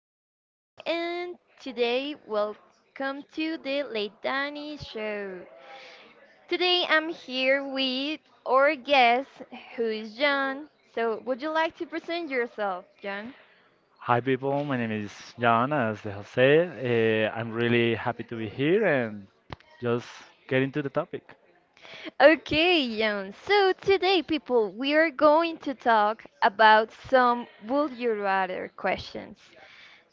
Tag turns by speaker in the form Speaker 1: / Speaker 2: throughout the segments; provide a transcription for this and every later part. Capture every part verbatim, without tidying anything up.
Speaker 1: Danny, and today, welcome to the Late Danny Show. Today, I'm here with our guest, who is John. So, would you like to present yourself, John?
Speaker 2: Hi, people. My name is Jan, as they have said. Uh, I'm really happy to be here and just get into the topic.
Speaker 1: Okay, John. So, today, people, we are going to talk about some would you rather questions.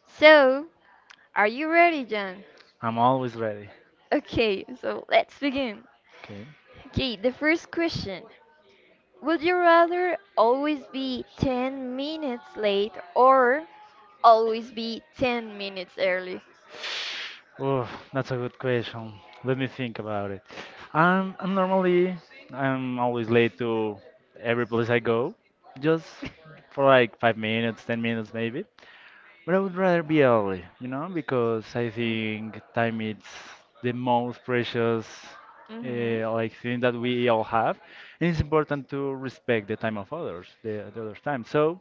Speaker 1: So, are you ready, John?
Speaker 2: I'm always ready.
Speaker 1: Okay, so let's begin.
Speaker 2: Okay.
Speaker 1: Okay, the first question. Would you rather always be ten minutes late or always be ten minutes early?
Speaker 2: Oh, that's a good question. Let me think about it. I'm, I'm normally, I'm always late to every place I go, just for like five minutes, ten minutes maybe. But I would rather be early, you know, because I think time is the most precious
Speaker 1: Mm-hmm.
Speaker 2: uh, like thing that we all have, and it's important to respect the time of others, the, the other time. So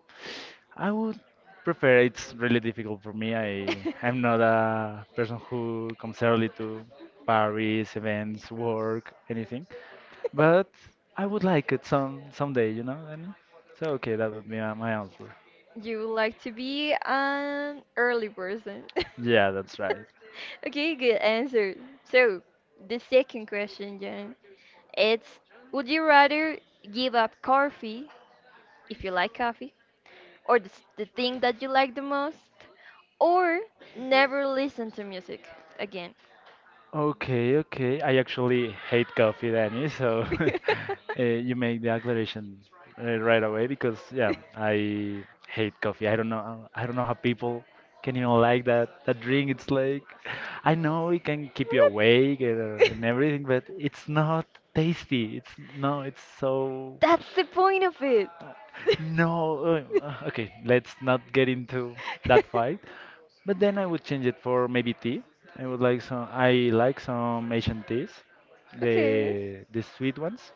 Speaker 2: I would prefer. It's really difficult for me. I I'm not a person who comes early to parties, events, work, anything. But I would like it some someday, you know. And so okay, that would be my, my answer.
Speaker 1: You would like to be an early person.
Speaker 2: Yeah, that's right.
Speaker 1: Okay, good answer. So, the second question, Jan. It's would you rather give up coffee if you like coffee or the, s- the thing that you like the most or never listen to music again?
Speaker 2: Okay, okay. I actually hate coffee, Danny, so uh, you make the declaration uh, right away because yeah, I hate coffee. I don't know I don't know how people can even like that that drink. It's like I know it can keep you awake and, uh, and everything, but it's not tasty. It's no, it's so
Speaker 1: That's the point of it.
Speaker 2: no. Uh, uh, okay, let's not get into that fight. But then I would change it for maybe tea. I would like some. I like some Asian teas,
Speaker 1: Okay.
Speaker 2: the the sweet ones.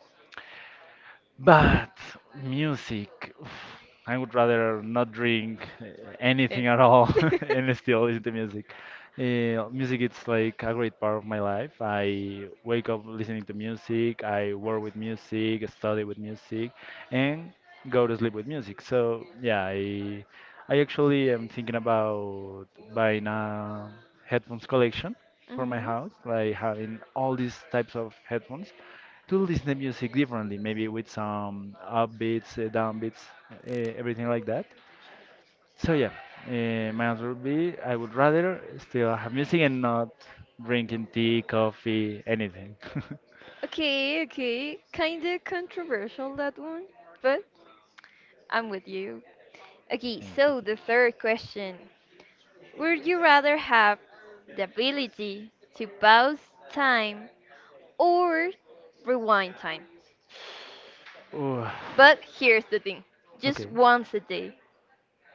Speaker 2: But music, oof, I would rather not drink uh, anything
Speaker 1: And-
Speaker 2: at all and still listen to music. Uh, music it's like a great part of my life. I wake up listening to music, I work with music, study with music, and go to sleep with music. So yeah, I I actually am thinking about buying a headphones collection for my
Speaker 1: Mhm.
Speaker 2: house, like having all these types of headphones to listen to music differently, maybe with some upbeats, uh, downbeats, uh, everything like that. So yeah, uh, my answer would be I would rather still have music and not drinking tea, coffee, anything.
Speaker 1: Okay, okay. Kinda controversial that one, but I'm with you. Okay,
Speaker 2: Thank you.
Speaker 1: so the
Speaker 2: Thank
Speaker 1: third question. Would you rather have the ability to pause time or rewind time?
Speaker 2: you. Ooh,
Speaker 1: But here's the thing, just
Speaker 2: okay.
Speaker 1: once a day.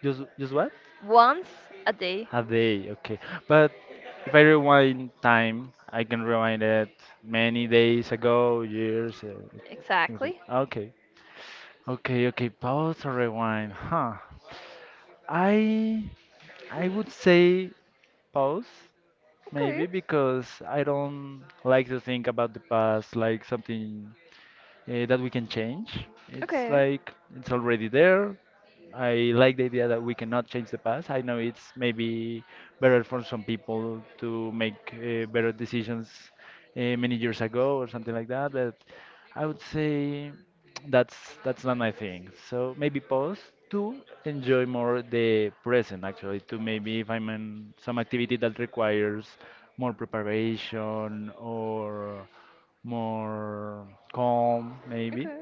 Speaker 2: Just just what?
Speaker 1: Once a day,
Speaker 2: A day, okay. But if I rewind time, I can rewind it many days ago, years, uh, things like.
Speaker 1: exactly.
Speaker 2: Okay, Okay, okay, pause or rewind. Huh. I I would say pause,
Speaker 1: Okay,
Speaker 2: maybe because I don't like to think about the past like something uh, that we can change. It's
Speaker 1: okay,
Speaker 2: like it's already there. I like the idea that we cannot change the past. I know it's maybe better for some people to make uh, better decisions uh, many years ago or something like that, but I would say that's that's not my thing. So maybe pause to enjoy more the present, actually, to maybe if I'm in some activity that requires more preparation or more calm, maybe
Speaker 1: okay.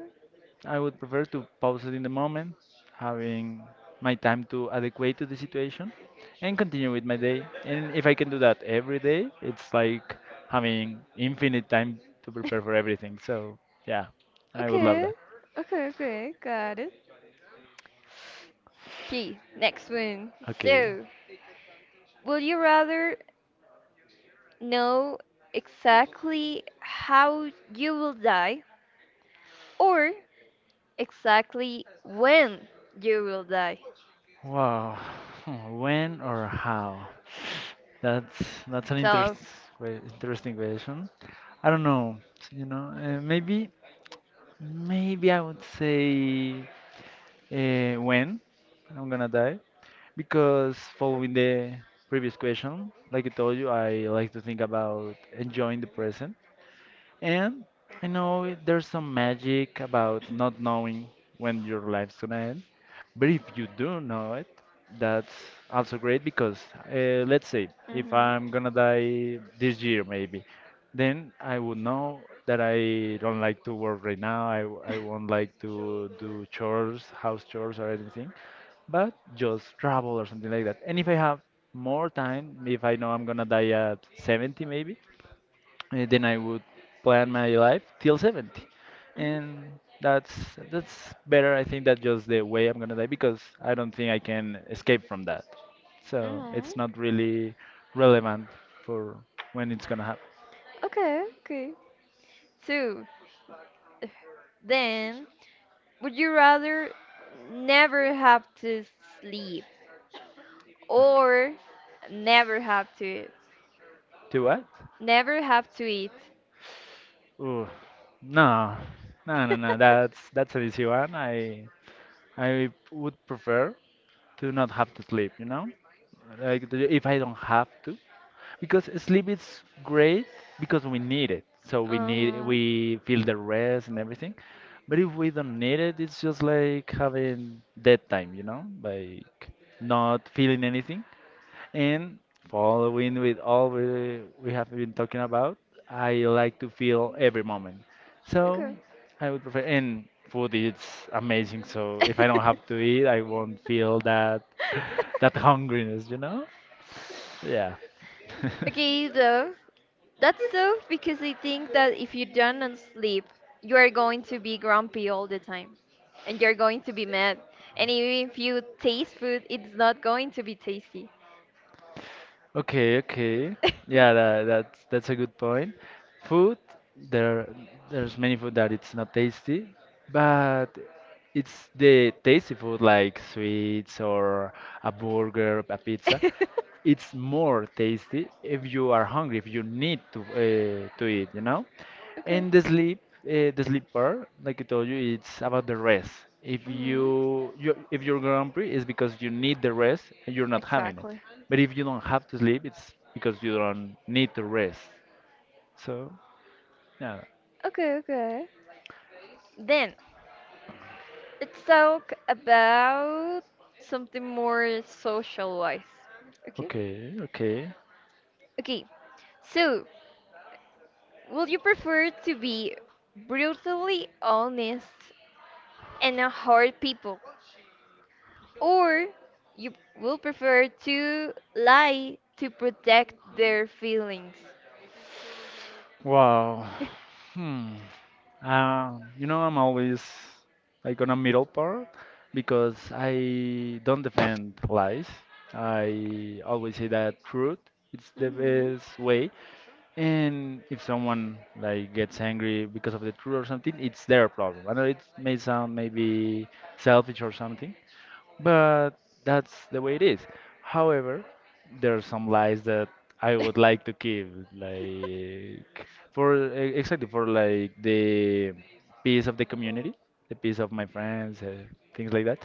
Speaker 2: I would prefer to pause it in the moment, having my time to adequate to the situation and continue with my day. And if I can do that every day, it's like having infinite time to prepare for everything. So, yeah, I would love
Speaker 1: Okay,
Speaker 2: that.
Speaker 1: okay, okay, got it. Okay, next one.
Speaker 2: Okay.
Speaker 1: So, would you rather know exactly how you will die or exactly when you will die?
Speaker 2: Wow. When or how? That's that's an interest,
Speaker 1: Tough.
Speaker 2: que- interesting question. I don't know. You know, uh, maybe maybe I would say uh, when I'm gonna die. Because following the previous question, like I told you, I like to think about enjoying the present. And I know it- there's some magic about not knowing when your life's gonna end. But if you do know it, that's also great because uh, let's say if
Speaker 1: Mm-hmm.
Speaker 2: I'm gonna die this year, maybe, then I would know that I don't like to work right now. I, I won't like to do chores, house chores, or anything but just travel or something like that. And if I have more time, if I know I'm gonna die at seventy maybe, eh, then I would plan my life till seventy. And that's that's better, I think, that just the way I'm gonna die because I don't think I can escape from that. So
Speaker 1: Mm-hmm. Hmm.
Speaker 2: it's not really relevant for when it's gonna happen.
Speaker 1: Okay, okay. So, then, would you rather never have to sleep or never have to eat?
Speaker 2: To what?
Speaker 1: Never have to eat?
Speaker 2: Ooh, no, no, no, no. That's that's an easy one. I I would prefer to not have to sleep. You know. Like the- if I don't have to, because sleep is great because we need it. So we need
Speaker 1: Uh-huh.
Speaker 2: we feel the rest and everything. But if we don't need it, it's just like having dead time, you know, like not feeling anything. And following with all we we have been talking about, I like to feel every moment. So
Speaker 1: Okay.
Speaker 2: I would prefer and food is amazing. So if I don't have to eat, I won't feel that that hungriness, you know? Yeah.
Speaker 1: Okay, though. That's so because I think that if you don't sleep, you are going to be grumpy all the time. And you're going to be mad. And even if you taste food, it's not going to be tasty.
Speaker 2: Okay, okay. Yeah, that, that's that's a good point. Food, there there's many food that it's not tasty, but it's the tasty food like sweets or a burger, a pizza. It's more tasty if you are hungry, if you need to uh, to eat, you know?
Speaker 1: Okay.
Speaker 2: And the sleep, uh, the sleep part, like I told you, it's about the rest. If
Speaker 1: Mhm.
Speaker 2: you, you if you're grumpy, it's because you need the rest and you're not having it.
Speaker 1: Exactly.
Speaker 2: But if you don't have to sleep, it's because you don't need to rest. So yeah,
Speaker 1: Okay, okay. Then let's talk about something more social wise. Okay?
Speaker 2: okay, okay.
Speaker 1: Okay. So, would you prefer to be brutally honest and not hurt people, or you will prefer to lie to protect their feelings?
Speaker 2: Wow. Hmm. Um, you know, I'm always like on a middle part because I don't defend lies. I always say that truth. It's the best way, and if someone like gets angry because of the truth or something, it's their problem. I know it may sound maybe selfish or something, but that's the way it is. However, there are some lies that I would like to keep, like for e- exactly for like the peace of the community, the peace of my friends, uh, things like that.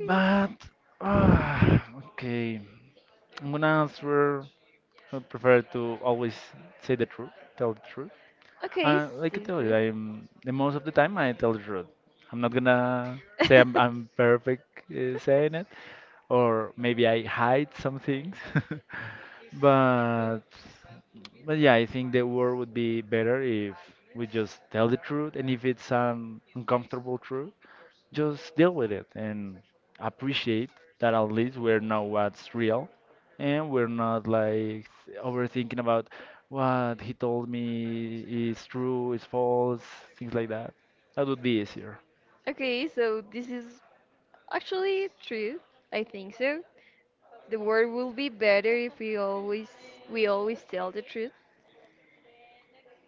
Speaker 1: Hmm.
Speaker 2: But ah, okay, I'm gonna answer. I prefer to always say the truth, tell the truth.
Speaker 1: Okay, it's
Speaker 2: Uh, like I tell you,
Speaker 1: citrus.
Speaker 2: I'm the most of the time I tell the truth. I'm not gonna say I'm, I'm perfect uh, saying it, or maybe I hide some things. but but yeah, I think the world would be better if we just tell the truth, and if it's an uncomfortable truth, just deal with it and appreciate that at least we know what's real, and we're not like overthinking about what he told me is true, is false, things like that. That would be easier.
Speaker 1: Okay, so this is actually true. I think so. The world will be better if we always we always tell the truth.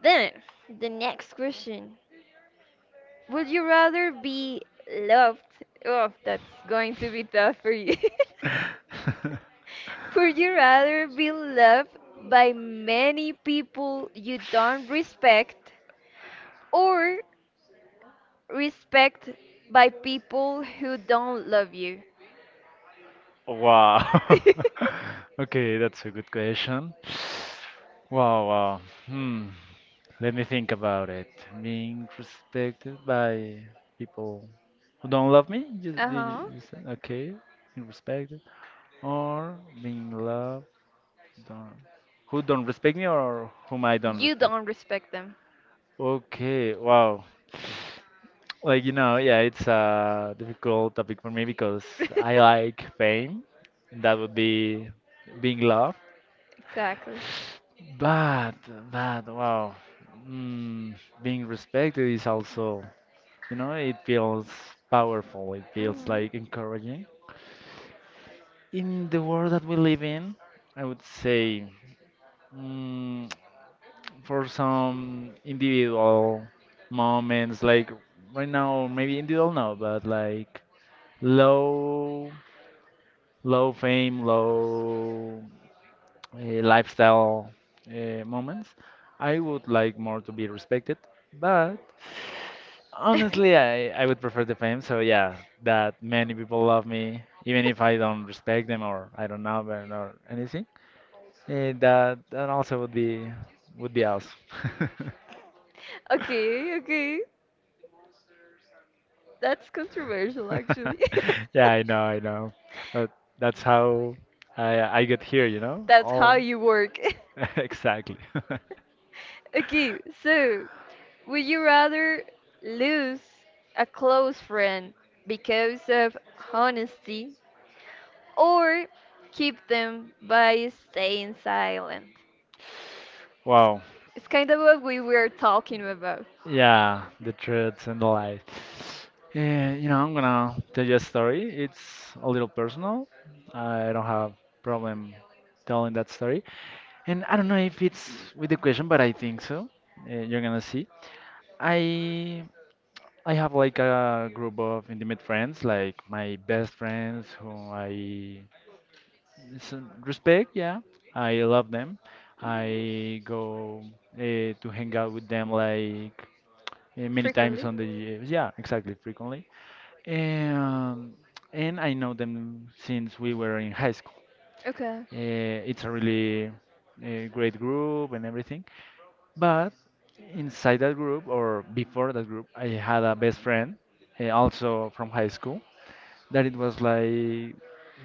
Speaker 1: Then, the next question. Would you rather be loved? Oh, that's going to be tough for you. Would you rather be loved by many people you don't respect or respect by people who don't love you.
Speaker 2: Wow. Okay, that's a good question. Wow, wow. Hmm. Let me think about it. Being respected by people who don't love me. Just,
Speaker 1: uh
Speaker 2: you, you,
Speaker 1: huh.
Speaker 2: you said, okay, and respect. Or being loved, don't, who don't respect me or whom I don't
Speaker 1: You
Speaker 2: respect.
Speaker 1: don't respect them.
Speaker 2: Okay, wow. Like you know, yeah, it's a difficult topic for me because I like fame. That would be being loved.
Speaker 1: Exactly.
Speaker 2: But but wow, mm, being respected is also, you know, it feels powerful. It feels
Speaker 1: Hmm.
Speaker 2: like encouraging. In the world that we live in, I would say mm, for some individual moments, like right now, maybe individual no, but like low, low fame, low uh, lifestyle uh, moments, I would like more to be respected. But honestly, I, I would prefer the fame. So yeah, that many people love me, even if I don't respect them or I don't know them or anything. Eh, that that also would be would be awesome.
Speaker 1: Okay, okay. That's controversial, actually.
Speaker 2: Yeah, I know, I know. But that's how I I get here, you know?
Speaker 1: That's how
Speaker 2: All
Speaker 1: you work.
Speaker 2: exactly.
Speaker 1: Okay, so would you rather lose a close friend because of honesty or keep them by staying silent.
Speaker 2: Wow.
Speaker 1: It's kind of what we were talking about.
Speaker 2: Yeah, the truths and the lies. Yeah, you know, I'm gonna tell you a story. It's a little personal. I don't have problem telling that story. And I don't know if it's with the question, but I think so. Eh, you're gonna see. I I have like a group of intimate friends, like my best friends who I s- respect. Yeah, I love them.
Speaker 1: Mhm.
Speaker 2: I go uh, to hang out with them like uh, many times
Speaker 1: Frequently.
Speaker 2: on the year. Yeah, exactly, frequently. And and I know them since we were in high school.
Speaker 1: Okay.
Speaker 2: Uh, it's a really uh, great group and everything. But inside that group or before that group, I had a best friend uh, also from high school that it was like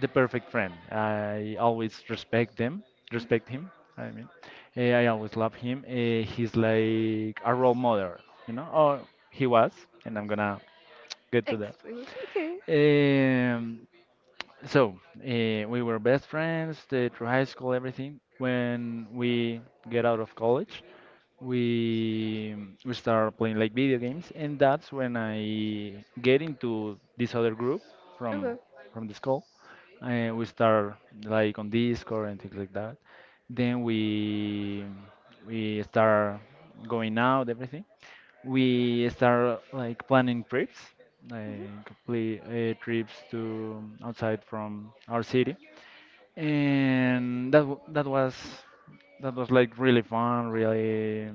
Speaker 2: the perfect friend. I always respect them,
Speaker 1: Mhm.
Speaker 2: respect him. I mean, Eh, I always love him. Eh, he's like a role model, you know. Oh, he was, and I'm gonna get to there.
Speaker 1: Explain. Okay.
Speaker 2: Um, so uh, we were best friends the, through high school, everything. When we get out of college, we we start playing like video games, and that's when I get into this other group from
Speaker 1: Okay.
Speaker 2: from the school, and we start like on Discord and things like that. Then we we start going out, everything. We start like planning trips,
Speaker 1: Mhm.
Speaker 2: like complete uh, trips to um, outside from our city, and that w- that was that was like really fun, really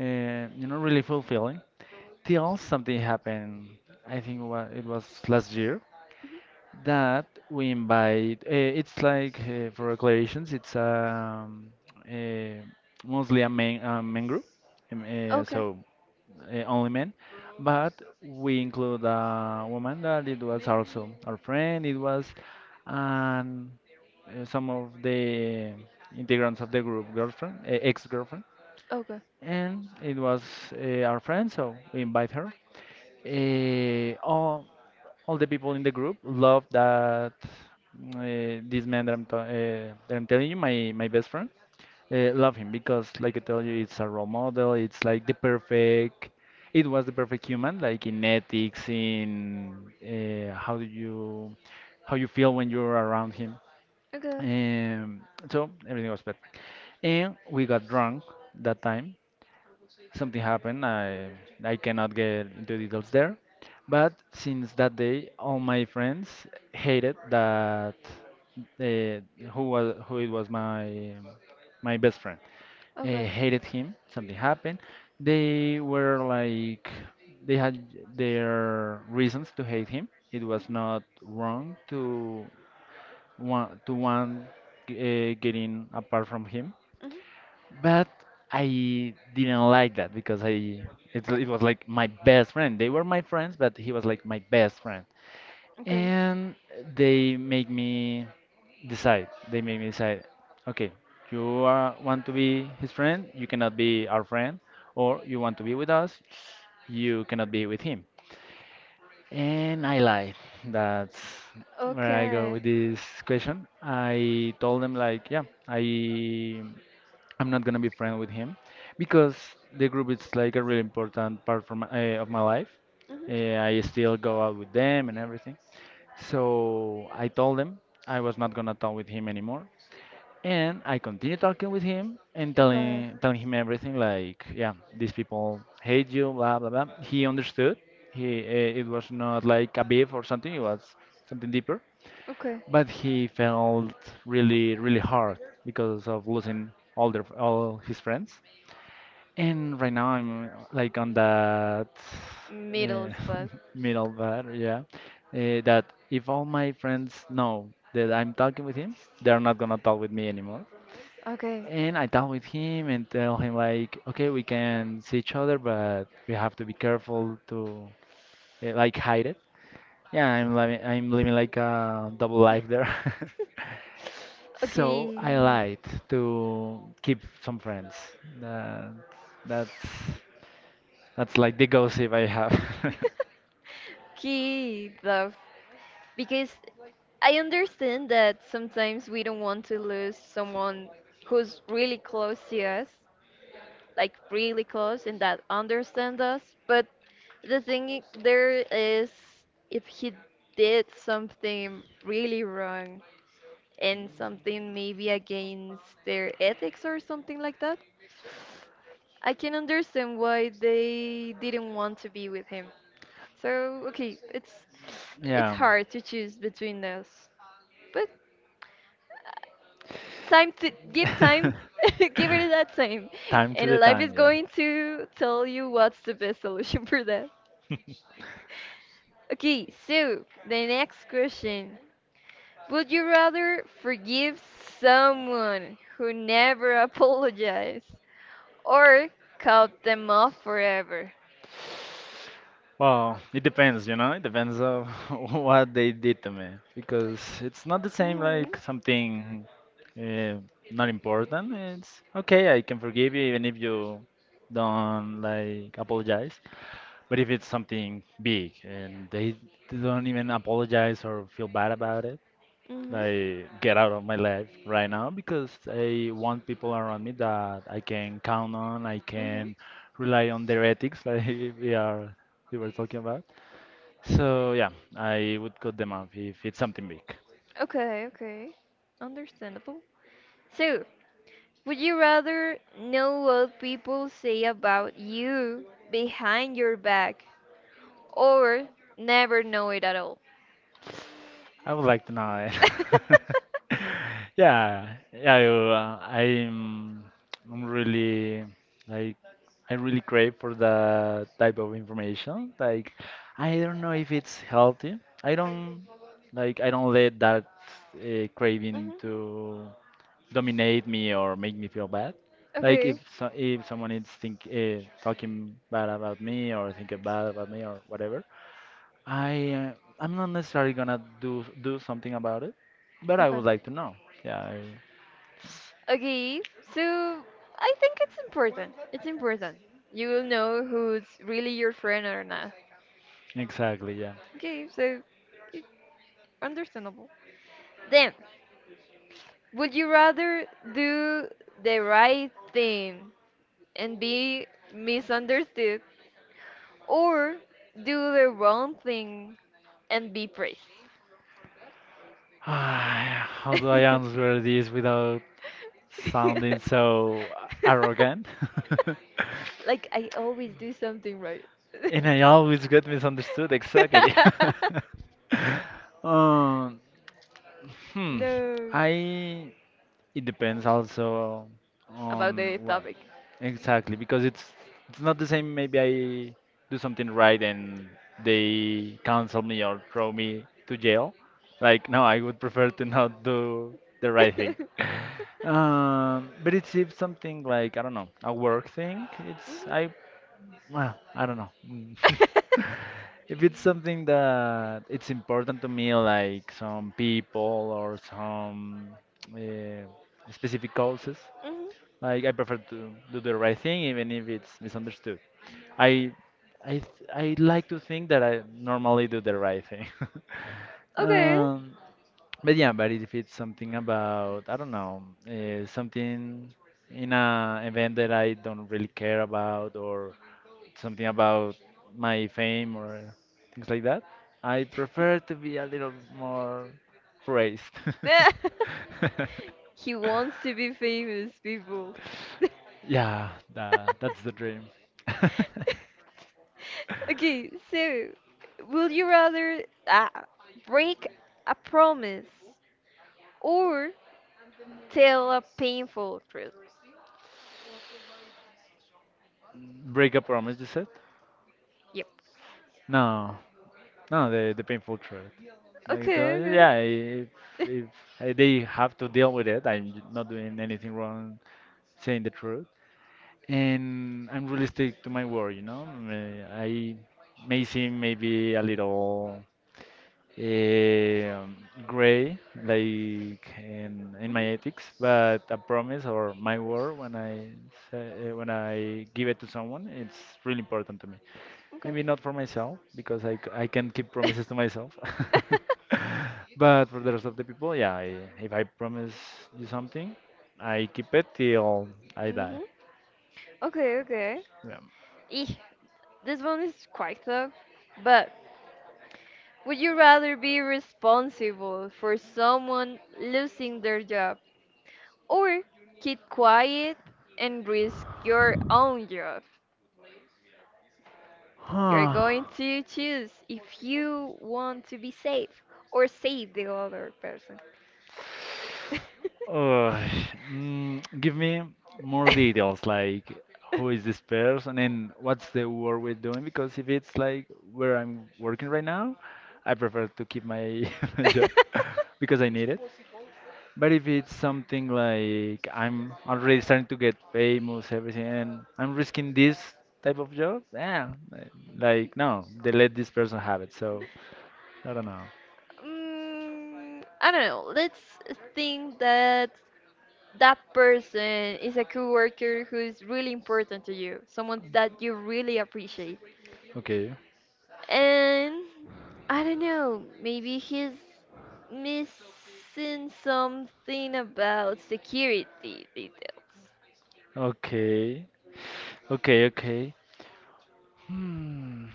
Speaker 2: uh, you know really fulfilling. Till something happened. I think wa- it was last year
Speaker 1: Mhm.
Speaker 2: that we invite uh, it's like uh, for declarations it's um, uh, mostly a men, a men group um, uh,
Speaker 1: Okay.
Speaker 2: so uh, only men, but we include a woman that it was also our friend it was. And uh, some of the integrants of the group girlfriend, uh, ex-girlfriend,
Speaker 1: Okay.
Speaker 2: and it was uh, our friend, so we invite her. Uh, all all the people in the group love that. Uh, this man that I'm, ta- uh, that I'm telling you, my, my best friend, uh, love him, because, like I tell you, it's a role model. It's like the perfect, it was the perfect human, like in ethics, in uh, how do you, how you feel when you're around him.
Speaker 1: Okay.
Speaker 2: Um, so everything was perfect. And we got drunk that time, something happened. I I cannot get into details there. But since that day, all my friends hated that, uh, who was, who it was my my best friend. Uh,
Speaker 1: Okay.
Speaker 2: hated him. Something happened. They were like they had their reasons to hate him. It was not wrong to want to want uh, getting apart from him,
Speaker 1: Mhm.
Speaker 2: but I didn't like that because I, it, it was like my best friend. They were my friends, but he was like my best friend.
Speaker 1: Okay.
Speaker 2: And they make me decide. They make me decide, okay, you are, want to be his friend, you cannot be our friend, or you want to be with us, you cannot be with him. And I lied. That's where I go with
Speaker 1: Okay.
Speaker 2: this question. I told them like, yeah, I I'm not gonna be friend with him because the group is like a really important part from uh, of my life.
Speaker 1: Mhm.
Speaker 2: Uh, I still go out with them and everything. So I told them I was not gonna talk with him anymore, and I continued talking with him and
Speaker 1: Okay.
Speaker 2: telling telling him everything like, yeah, these people hate you, blah blah blah. He understood. He uh, it was not like a beef or something. It was something deeper,
Speaker 1: Okay.
Speaker 2: but he felt really, really hard because of losing all their all his friends. And right now I'm uh, like on that uh,
Speaker 1: Middle spot.
Speaker 2: middle bed, yeah. Uh, that if all my friends know that I'm talking with him, they're not gonna talk with me anymore.
Speaker 1: Okay.
Speaker 2: And I talk with him and tell him like, okay, we can see each other, but we have to be careful to, uh, like, hide it. Yeah, I'm living, I'm living like a double life there. So
Speaker 1: Okay.
Speaker 2: I lied to keep some friends. That, that's That's like the gossip I have.
Speaker 1: Okay. The, because I understand that sometimes we don't want to lose someone who's really close to us, like really close, and that understand us. But the thing i- there is, if he did something really wrong and something maybe against their ethics or something like that, I can understand why they didn't want to be with him. So okay, it's it's
Speaker 2: Yeah.
Speaker 1: hard to choose between us, but time to give time. Give it that time,
Speaker 2: Time to the
Speaker 1: and life is
Speaker 2: time, yeah.
Speaker 1: going to tell you what's the best solution for that. Okay, so the next question, would you rather forgive someone who never apologized or cut them off forever?
Speaker 2: Well, it depends, you know. It depends on what they did to me because it's not the same
Speaker 1: Mm-hmm.
Speaker 2: like something uh, not important. It's okay, I can forgive you even if you don't, like, apologize. But if it's something big and they don't even apologize or feel bad about,
Speaker 1: Mm-hmm.
Speaker 2: I get out of my life right now because I want people around me that I can count on, I
Speaker 1: Mm-hmm.
Speaker 2: can rely on their ethics, like we are we were talking about. So yeah, I would cut them off if it's something big.
Speaker 1: Okay, okay, understandable. So, would you rather know what people say about you behind your back or never know it at all?
Speaker 2: I would like to know it. Yeah, yeah, I, uh, I'm I'm really, like, I really crave for that type of information. Like, I don't know if it's healthy. I don't, like, I don't let that uh, craving
Speaker 1: Mhm.
Speaker 2: to dominate me or make me feel bad. Like,
Speaker 1: Okay.
Speaker 2: if so, if someone is think uh, talking bad about me or thinking bad about me or whatever, I uh, I'm not necessarily gonna do do something about it, but I
Speaker 1: Okay.
Speaker 2: would like to know. Yeah, I-
Speaker 1: Okay, so I think it's important. It's important. You will know who's really your friend or not.
Speaker 2: exactly. Yeah.
Speaker 1: Okay, so yeah, understandable. Then, would you rather do the right thing and be misunderstood or do the wrong thing and be praised.
Speaker 2: How do I answer this without sounding so arrogant?
Speaker 1: Like I always do something right.
Speaker 2: And I always get misunderstood. Exactly. um, hmm.
Speaker 1: No.
Speaker 2: I It depends also
Speaker 1: About
Speaker 2: on
Speaker 1: the
Speaker 2: what,
Speaker 1: topic.
Speaker 2: exactly, because it's it's not the same. Maybe I do something right and they cancel me or throw me to jail. Like, no, I would prefer to not do the right thing. Um, but it's if something like, I don't know, a work thing. It's
Speaker 1: Mhm.
Speaker 2: I Well, I don't know. Mm. If it's something that it's important to me, like some people or some uh, specific causes,
Speaker 1: Mhm.
Speaker 2: like I prefer to do the right thing even if it's misunderstood. I I th- I like to think that I normally do the right thing.
Speaker 1: Okay.
Speaker 2: Um, but yeah, but if it's something about, I don't know, uh, something in a event that I don't really care about, or something about my fame or uh, things like that. I prefer to be a little more praised.
Speaker 1: Yeah. He wants to be famous, people.
Speaker 2: Yeah, that, that's the dream.
Speaker 1: Okay, so would you rather uh, break a promise or tell a painful truth?
Speaker 2: Break a promise, you said?
Speaker 1: Yep.
Speaker 2: No, no, the the painful truth. Like,
Speaker 1: Okay,
Speaker 2: the- yeah,
Speaker 1: okay.
Speaker 2: if if uh, they have to deal with it, I'm not doing anything wrong, saying the truth, and I'm realistic to my word. You know, May- I may seem maybe a little um gray, like in, in my
Speaker 1: Mhm.
Speaker 2: ethics, but a promise or my word when I say, uh, when I give it to someone, it's really important to me.
Speaker 1: Okay.
Speaker 2: Maybe not for myself because I, c- I can keep promises to myself, but for the rest of the people, yeah. I, if I promise you something, I keep it till I die.
Speaker 1: Hmm. Okay, okay.
Speaker 2: Yeah.
Speaker 1: Eeh, this one is quite tough. But would you rather be responsible for someone losing their job or keep quiet and risk your own job? You're going to choose if you
Speaker 2: Huh.
Speaker 1: want to be safe or save the other person.
Speaker 2: Uh, mm, give me more details, like who is this person and what's the work we're doing? Because if it's like where I'm working right now, I prefer to keep my, my job because I need it. But if it's something like I'm already starting to get famous, everything, and I'm risking this type of job, yeah, like, no, they let this person have it. So I don't know.
Speaker 1: Mm, I don't know. Let's think that that person is a coworker who is really important to you, someone that you really appreciate.
Speaker 2: Okay,
Speaker 1: And I don't know, maybe he's missing something about security details.
Speaker 2: okay, okay, okay. Hmm.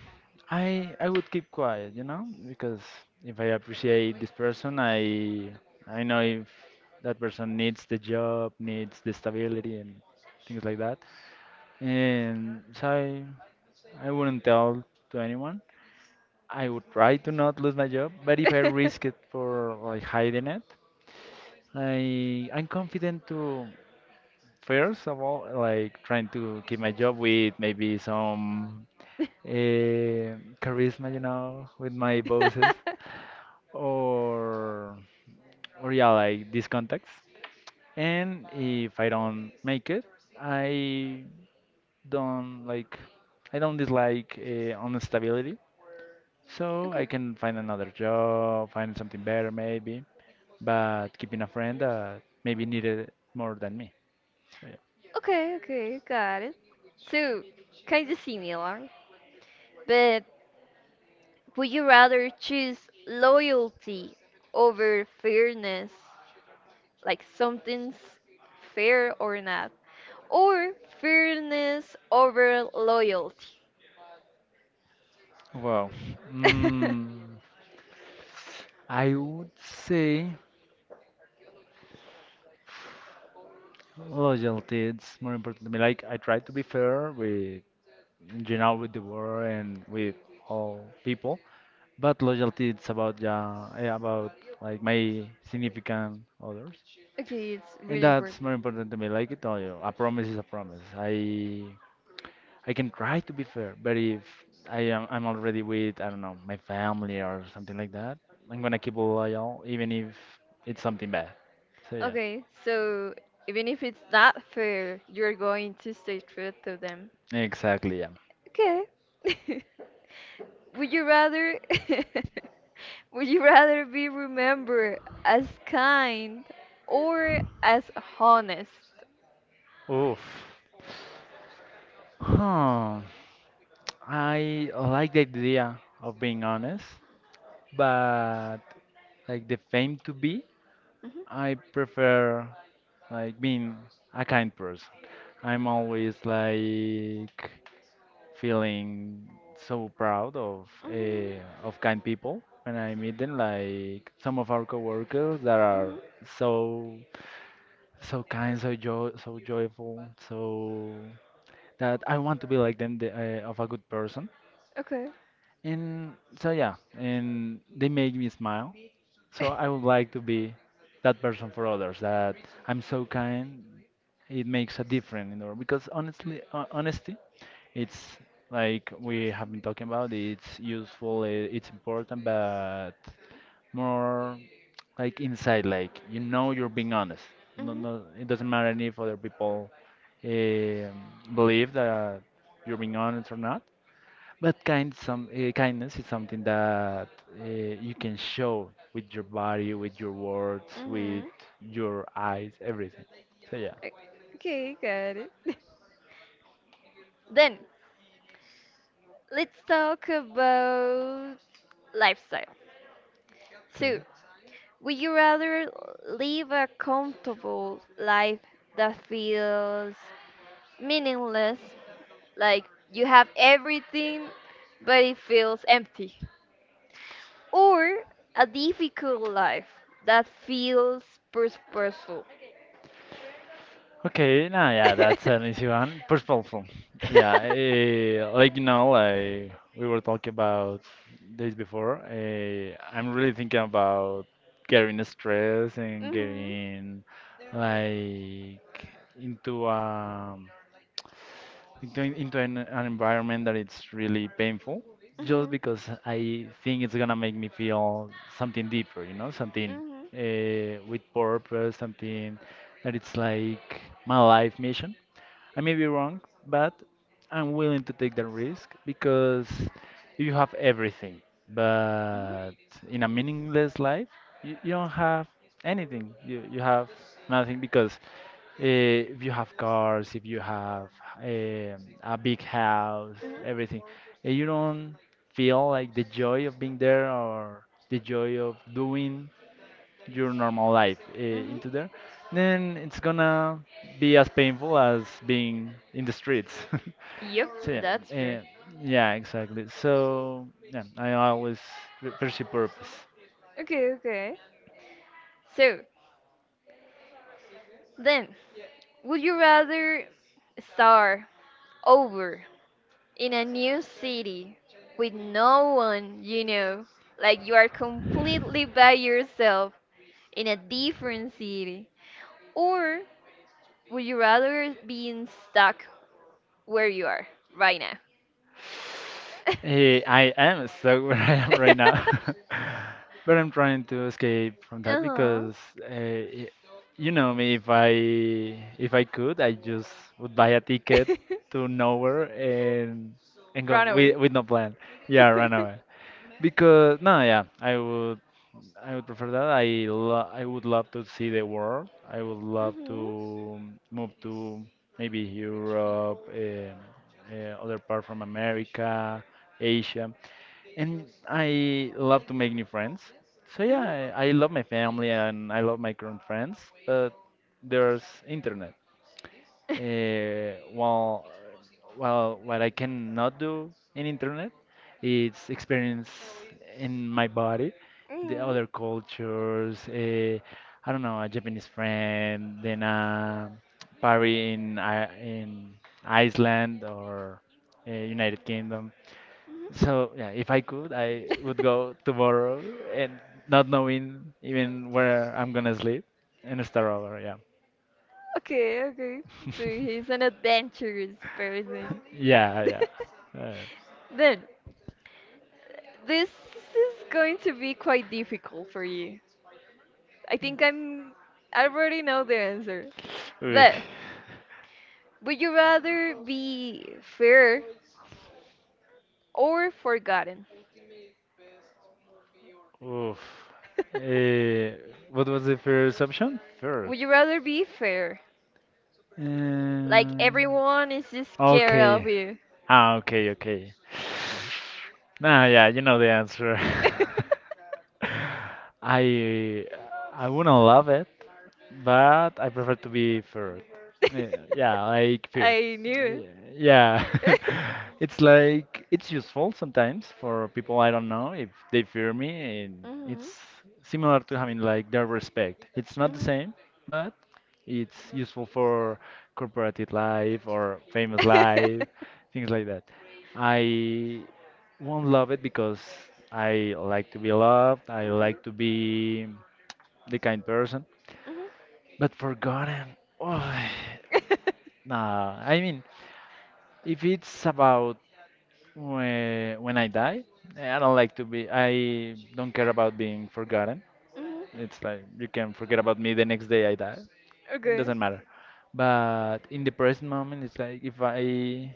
Speaker 2: I I would keep quiet, you know, because if I appreciate this person, I I know if that person needs the job, needs the stability and things like that. And so I I wouldn't tell to anyone. I would try to not lose my job, but if I risk it for like hiding it, I I'm confident to, first of all, like trying to keep my job with maybe some eh, charisma, you know, with my bosses, or or yeah, like these contacts. And if I don't make it, I don't, like, I don't dislike uh, instability, so I
Speaker 1: Okay.
Speaker 2: can find another job, find something better maybe. But keeping a friend that maybe needed more than me. So yeah.
Speaker 1: Okay, okay, got it. So, kind of similar, but would you rather choose loyalty over fairness? Like something's fair or not? Or fairness over loyalty?
Speaker 2: Wow. Mm, I would say loyalty. It's more important to me. Like, I try to be fair with, in general, with the world and with all people. But loyalty it's about yeah, eh, about like my significant others,
Speaker 1: Okay, it's
Speaker 2: and
Speaker 1: really important.
Speaker 2: that's more important to me. Like I told you, a promise is a promise. I I can try to be fair, but if I am I'm already with, I don't know, my family or something like that, I'm gonna keep loyal even if it's something bad. So yeah,
Speaker 1: Okay, so even if it's not fair, you're going to stay true to them.
Speaker 2: exactly, yeah.
Speaker 1: Okay. Would you rather would you rather be remembered as kind or as honest?
Speaker 2: Oof. Huh. I like the idea of being honest, but like the fame to be,
Speaker 1: Mhm,
Speaker 2: I prefer, like, being a kind person. I'm always, like, feeling so proud of,
Speaker 1: mhm,
Speaker 2: uh, of kind people when I meet them. Like some of our coworkers that are
Speaker 1: mhm.
Speaker 2: so, so kind, so jo so joyful, so that I want to be like them, the, uh, of a good person.
Speaker 1: Okay.
Speaker 2: And so yeah, and they make me smile. So I would like to be that person for others. That I'm so kind. It makes a difference in the world because honestly, uh, honesty, it's like we have been talking about. It's useful. i- It's important, but more like inside. Like, you know, you're being honest. No,
Speaker 1: Mhm.
Speaker 2: no, it doesn't matter if other people um, believe that you're being honest or not, but kind some uh, kindness is something that uh, you can show with your body, with your words, with
Speaker 1: Mhm.
Speaker 2: your eyes, everything. So yeah.
Speaker 1: O- okay, got it. Then let's talk about lifestyle.
Speaker 2: Okay.
Speaker 1: So, would you rather live a comfortable life that feels meaningless, like you have everything but it feels empty, or a difficult life that feels purposeful?
Speaker 2: Okay, nah, yeah,
Speaker 1: Mhm.
Speaker 2: that's
Speaker 1: Mhm.
Speaker 2: an easy one. Perspectful. Yeah, uh, like, you know, like we were talking about days before. Uh, I'm really thinking about getting stressed and
Speaker 1: Mhm.
Speaker 2: getting like into um going into an, an environment that it's really painful just
Speaker 1: Mhm.
Speaker 2: because I think it's gonna make me feel something deeper, you know, something
Speaker 1: Mhm.
Speaker 2: uh, with purpose, something that it's like my life mission. I may be wrong, but I'm willing to take that risk because if you have everything, but in a meaningless life, you, you don't have anything. You you have nothing because eh, if you have cars, if you have um, a big house, everything, and you don't feel like the joy of being there or the joy of doing your normal life uh,
Speaker 1: Mhm.
Speaker 2: into there, then it's gonna be as painful as being in the streets. So
Speaker 1: Yep,
Speaker 2: yeah,
Speaker 1: that's true.
Speaker 2: eh, yeah, exactly. So yeah, I always p- pursue purpose.
Speaker 1: Okay, okay. So, then, would you rather start over in a new city with no one you know, like you are completely by yourself in a different city, or would you rather being stuck where you are right now?
Speaker 2: Eh, I am stuck where I am right now, but I'm trying to escape from that
Speaker 1: Uh-huh.
Speaker 2: because uh, you know me. If I if I could, I just would buy a ticket to nowhere and and go
Speaker 1: Run
Speaker 2: with
Speaker 1: away.
Speaker 2: with no plan. Yeah, run away. Because no, yeah, I would I would prefer that. I lo I would love to see the world. I would love to
Speaker 1: Mhm.
Speaker 2: move to maybe Europe, um uh, other part from America, Asia, and I love to make new friends. So yeah,
Speaker 1: Mhm.
Speaker 2: I, I love my family and I love my current friends, but there's internet. Uh, well, well, what I cannot do in internet is experience in my body the
Speaker 1: Mhm.
Speaker 2: other cultures. Uh, I don't know, a Japanese friend, then a party in I in Iceland or uh, United Kingdom.
Speaker 1: Mhm.
Speaker 2: So yeah, if I could, I would go tomorrow and not knowing even where I'm gonna sleep and start over. Yeah.
Speaker 1: Okay, okay. So he's an adventurous person.
Speaker 2: Yeah, yeah.
Speaker 1: Then, this is going to be quite difficult for you. I think I'm. I already know the answer.
Speaker 2: Uh, oof.
Speaker 1: But, would you rather be fair or forgotten?
Speaker 2: Oof. Eh, what was the first option?
Speaker 1: Would
Speaker 2: First.
Speaker 1: you rather be fair?
Speaker 2: Um,
Speaker 1: Like everyone is just scared of
Speaker 2: okay.
Speaker 1: you.
Speaker 2: Ah, okay, okay. Nah, yeah, you know the answer. I I wouldn't love it, but I prefer to be third. Yeah, yeah, like third.
Speaker 1: I knew.
Speaker 2: Yeah, it's like it's useful sometimes for people I don't know if they fear me, and it's
Speaker 1: Mhm,
Speaker 2: similar to having like their respect. It's not the same, but it's useful for corporate life or famous
Speaker 1: mhm.
Speaker 2: life, things like that. I won't love it because I like to be loved. I like to be the kind person,
Speaker 1: Mhm, mhm.
Speaker 2: but forgotten. Oh, nah, I mean, if it's about when, when I die, I don't like to be. I don't care about being forgotten.
Speaker 1: Mhm.
Speaker 2: It's like you can forget about me the next day I die. It
Speaker 1: Okay.
Speaker 2: doesn't matter. But in the present moment, it's like if I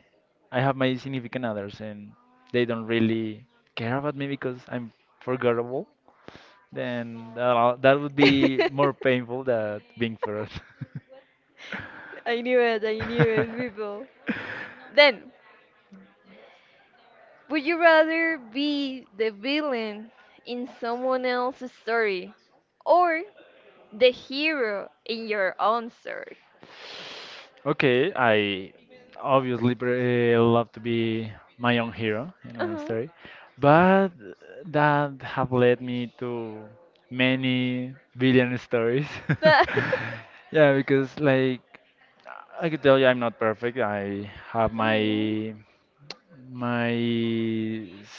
Speaker 2: I have my significant others and they don't really care about me because I'm forgettable, then that that would be more painful than being forgotten.
Speaker 1: I knew it, I knew it, people. Then, would you rather be the villain in someone else's story or the hero in your own story.
Speaker 2: Okay, I obviously pre- uh, love to be my own hero in my own
Speaker 1: Uh-huh.
Speaker 2: story, but that have led me to many billion stories.
Speaker 1: That.
Speaker 2: Yeah, because like I could tell you I'm not perfect. I have
Speaker 1: Mhm.
Speaker 2: my my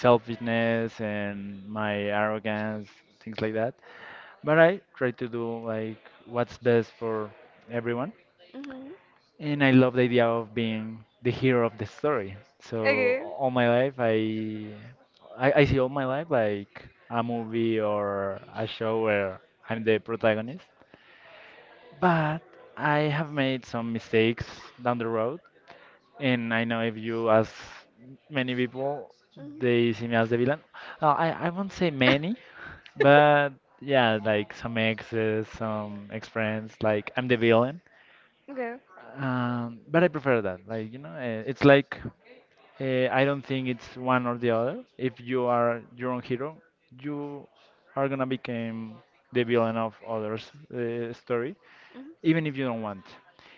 Speaker 2: selfishness and my arrogance, things like that. But I try to do like what's best for everyone.
Speaker 1: Mhm.
Speaker 2: And I love the idea of being the hero of the story. So
Speaker 1: Okay.
Speaker 2: all my life, I, I I see all my life like a movie or a show where I'm the protagonist. But I have made some mistakes down the road, and I know if you ask many people, they
Speaker 1: Mhm.
Speaker 2: see me as the villain. Uh, I I won't say many, but yeah, like some exes, some ex-friends, like I'm the villain.
Speaker 1: Okay.
Speaker 2: Um, but I prefer that. Like, you know, eh, it's like Uh, I don't think it's one or the other. If you are your own hero, you are gonna become the villain of others' uh, story,
Speaker 1: Mhm.
Speaker 2: even if you don't want.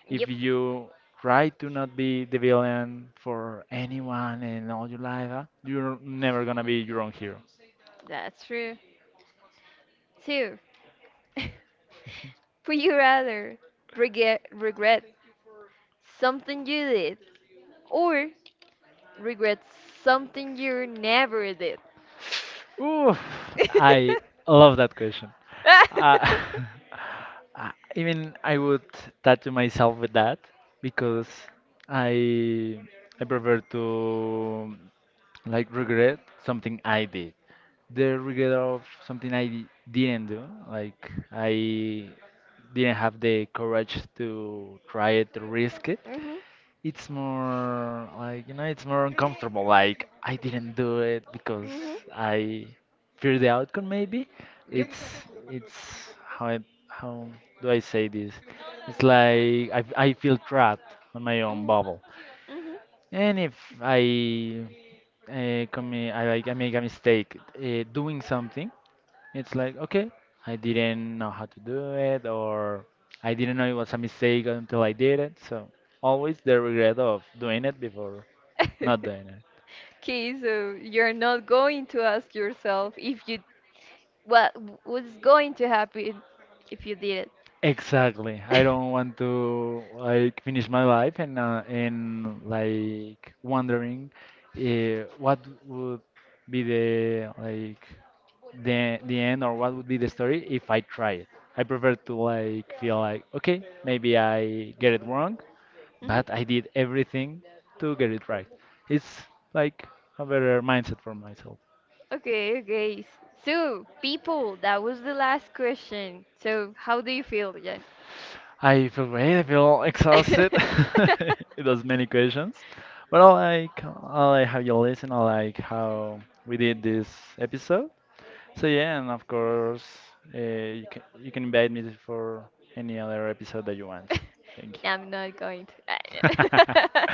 Speaker 2: If
Speaker 1: Yep.
Speaker 2: you try to not be the villain for anyone in all your life, uh, you're never gonna be your own hero.
Speaker 1: That's true. Two. Would you rather regret regret something you did or regret something you never did?
Speaker 2: Oof,
Speaker 1: Mhm.
Speaker 2: I love that question. Uh, I, even I would tattoo myself with that because I I prefer to like regret something I did. The regret of something I di- didn't do, like I didn't have the courage to try it, to risk it. It's more like, you know, it's more uncomfortable. Like, I didn't do it because
Speaker 1: Mhm.
Speaker 2: I fear the outcome, maybe.
Speaker 1: Yep.
Speaker 2: It's, it's, how, I, how do I say this? It's like I, I feel trapped on my own
Speaker 1: Mhm.
Speaker 2: bubble.
Speaker 1: Mhm.
Speaker 2: And if I, uh, commit, I like, I make a mistake uh, doing something, it's like, okay, I didn't know how to do it, or I didn't know it was a mistake until I did it. So always the regret of doing it before not doing it.
Speaker 1: Okay, so you're not going to ask yourself if you what what's going to happen if you did
Speaker 2: Exactly.
Speaker 1: it.
Speaker 2: I don't want to like finish my life and uh, and like wondering uh, what would be the like the the end or what would be the story if I try it. I prefer to like feel like okay, maybe I get it wrong,
Speaker 1: Mhm.
Speaker 2: but I did everything to get it right. It's like a better mindset for myself.
Speaker 1: Okay, okay. S- so, people, that was the last question. So, how do you feel, Jan?
Speaker 2: I feel great. I feel exhausted. It was many questions, but I like I like how you listen. I like how we did this episode. So yeah, and of course, uh, you can you can invite me for any other episode that you want. Thank
Speaker 1: I'm not going to.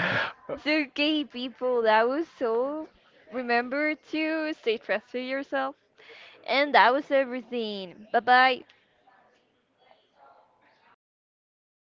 Speaker 2: you.
Speaker 1: So, gay people. That was so. Remember to stay trusted yourself. And that was everything. Bye bye.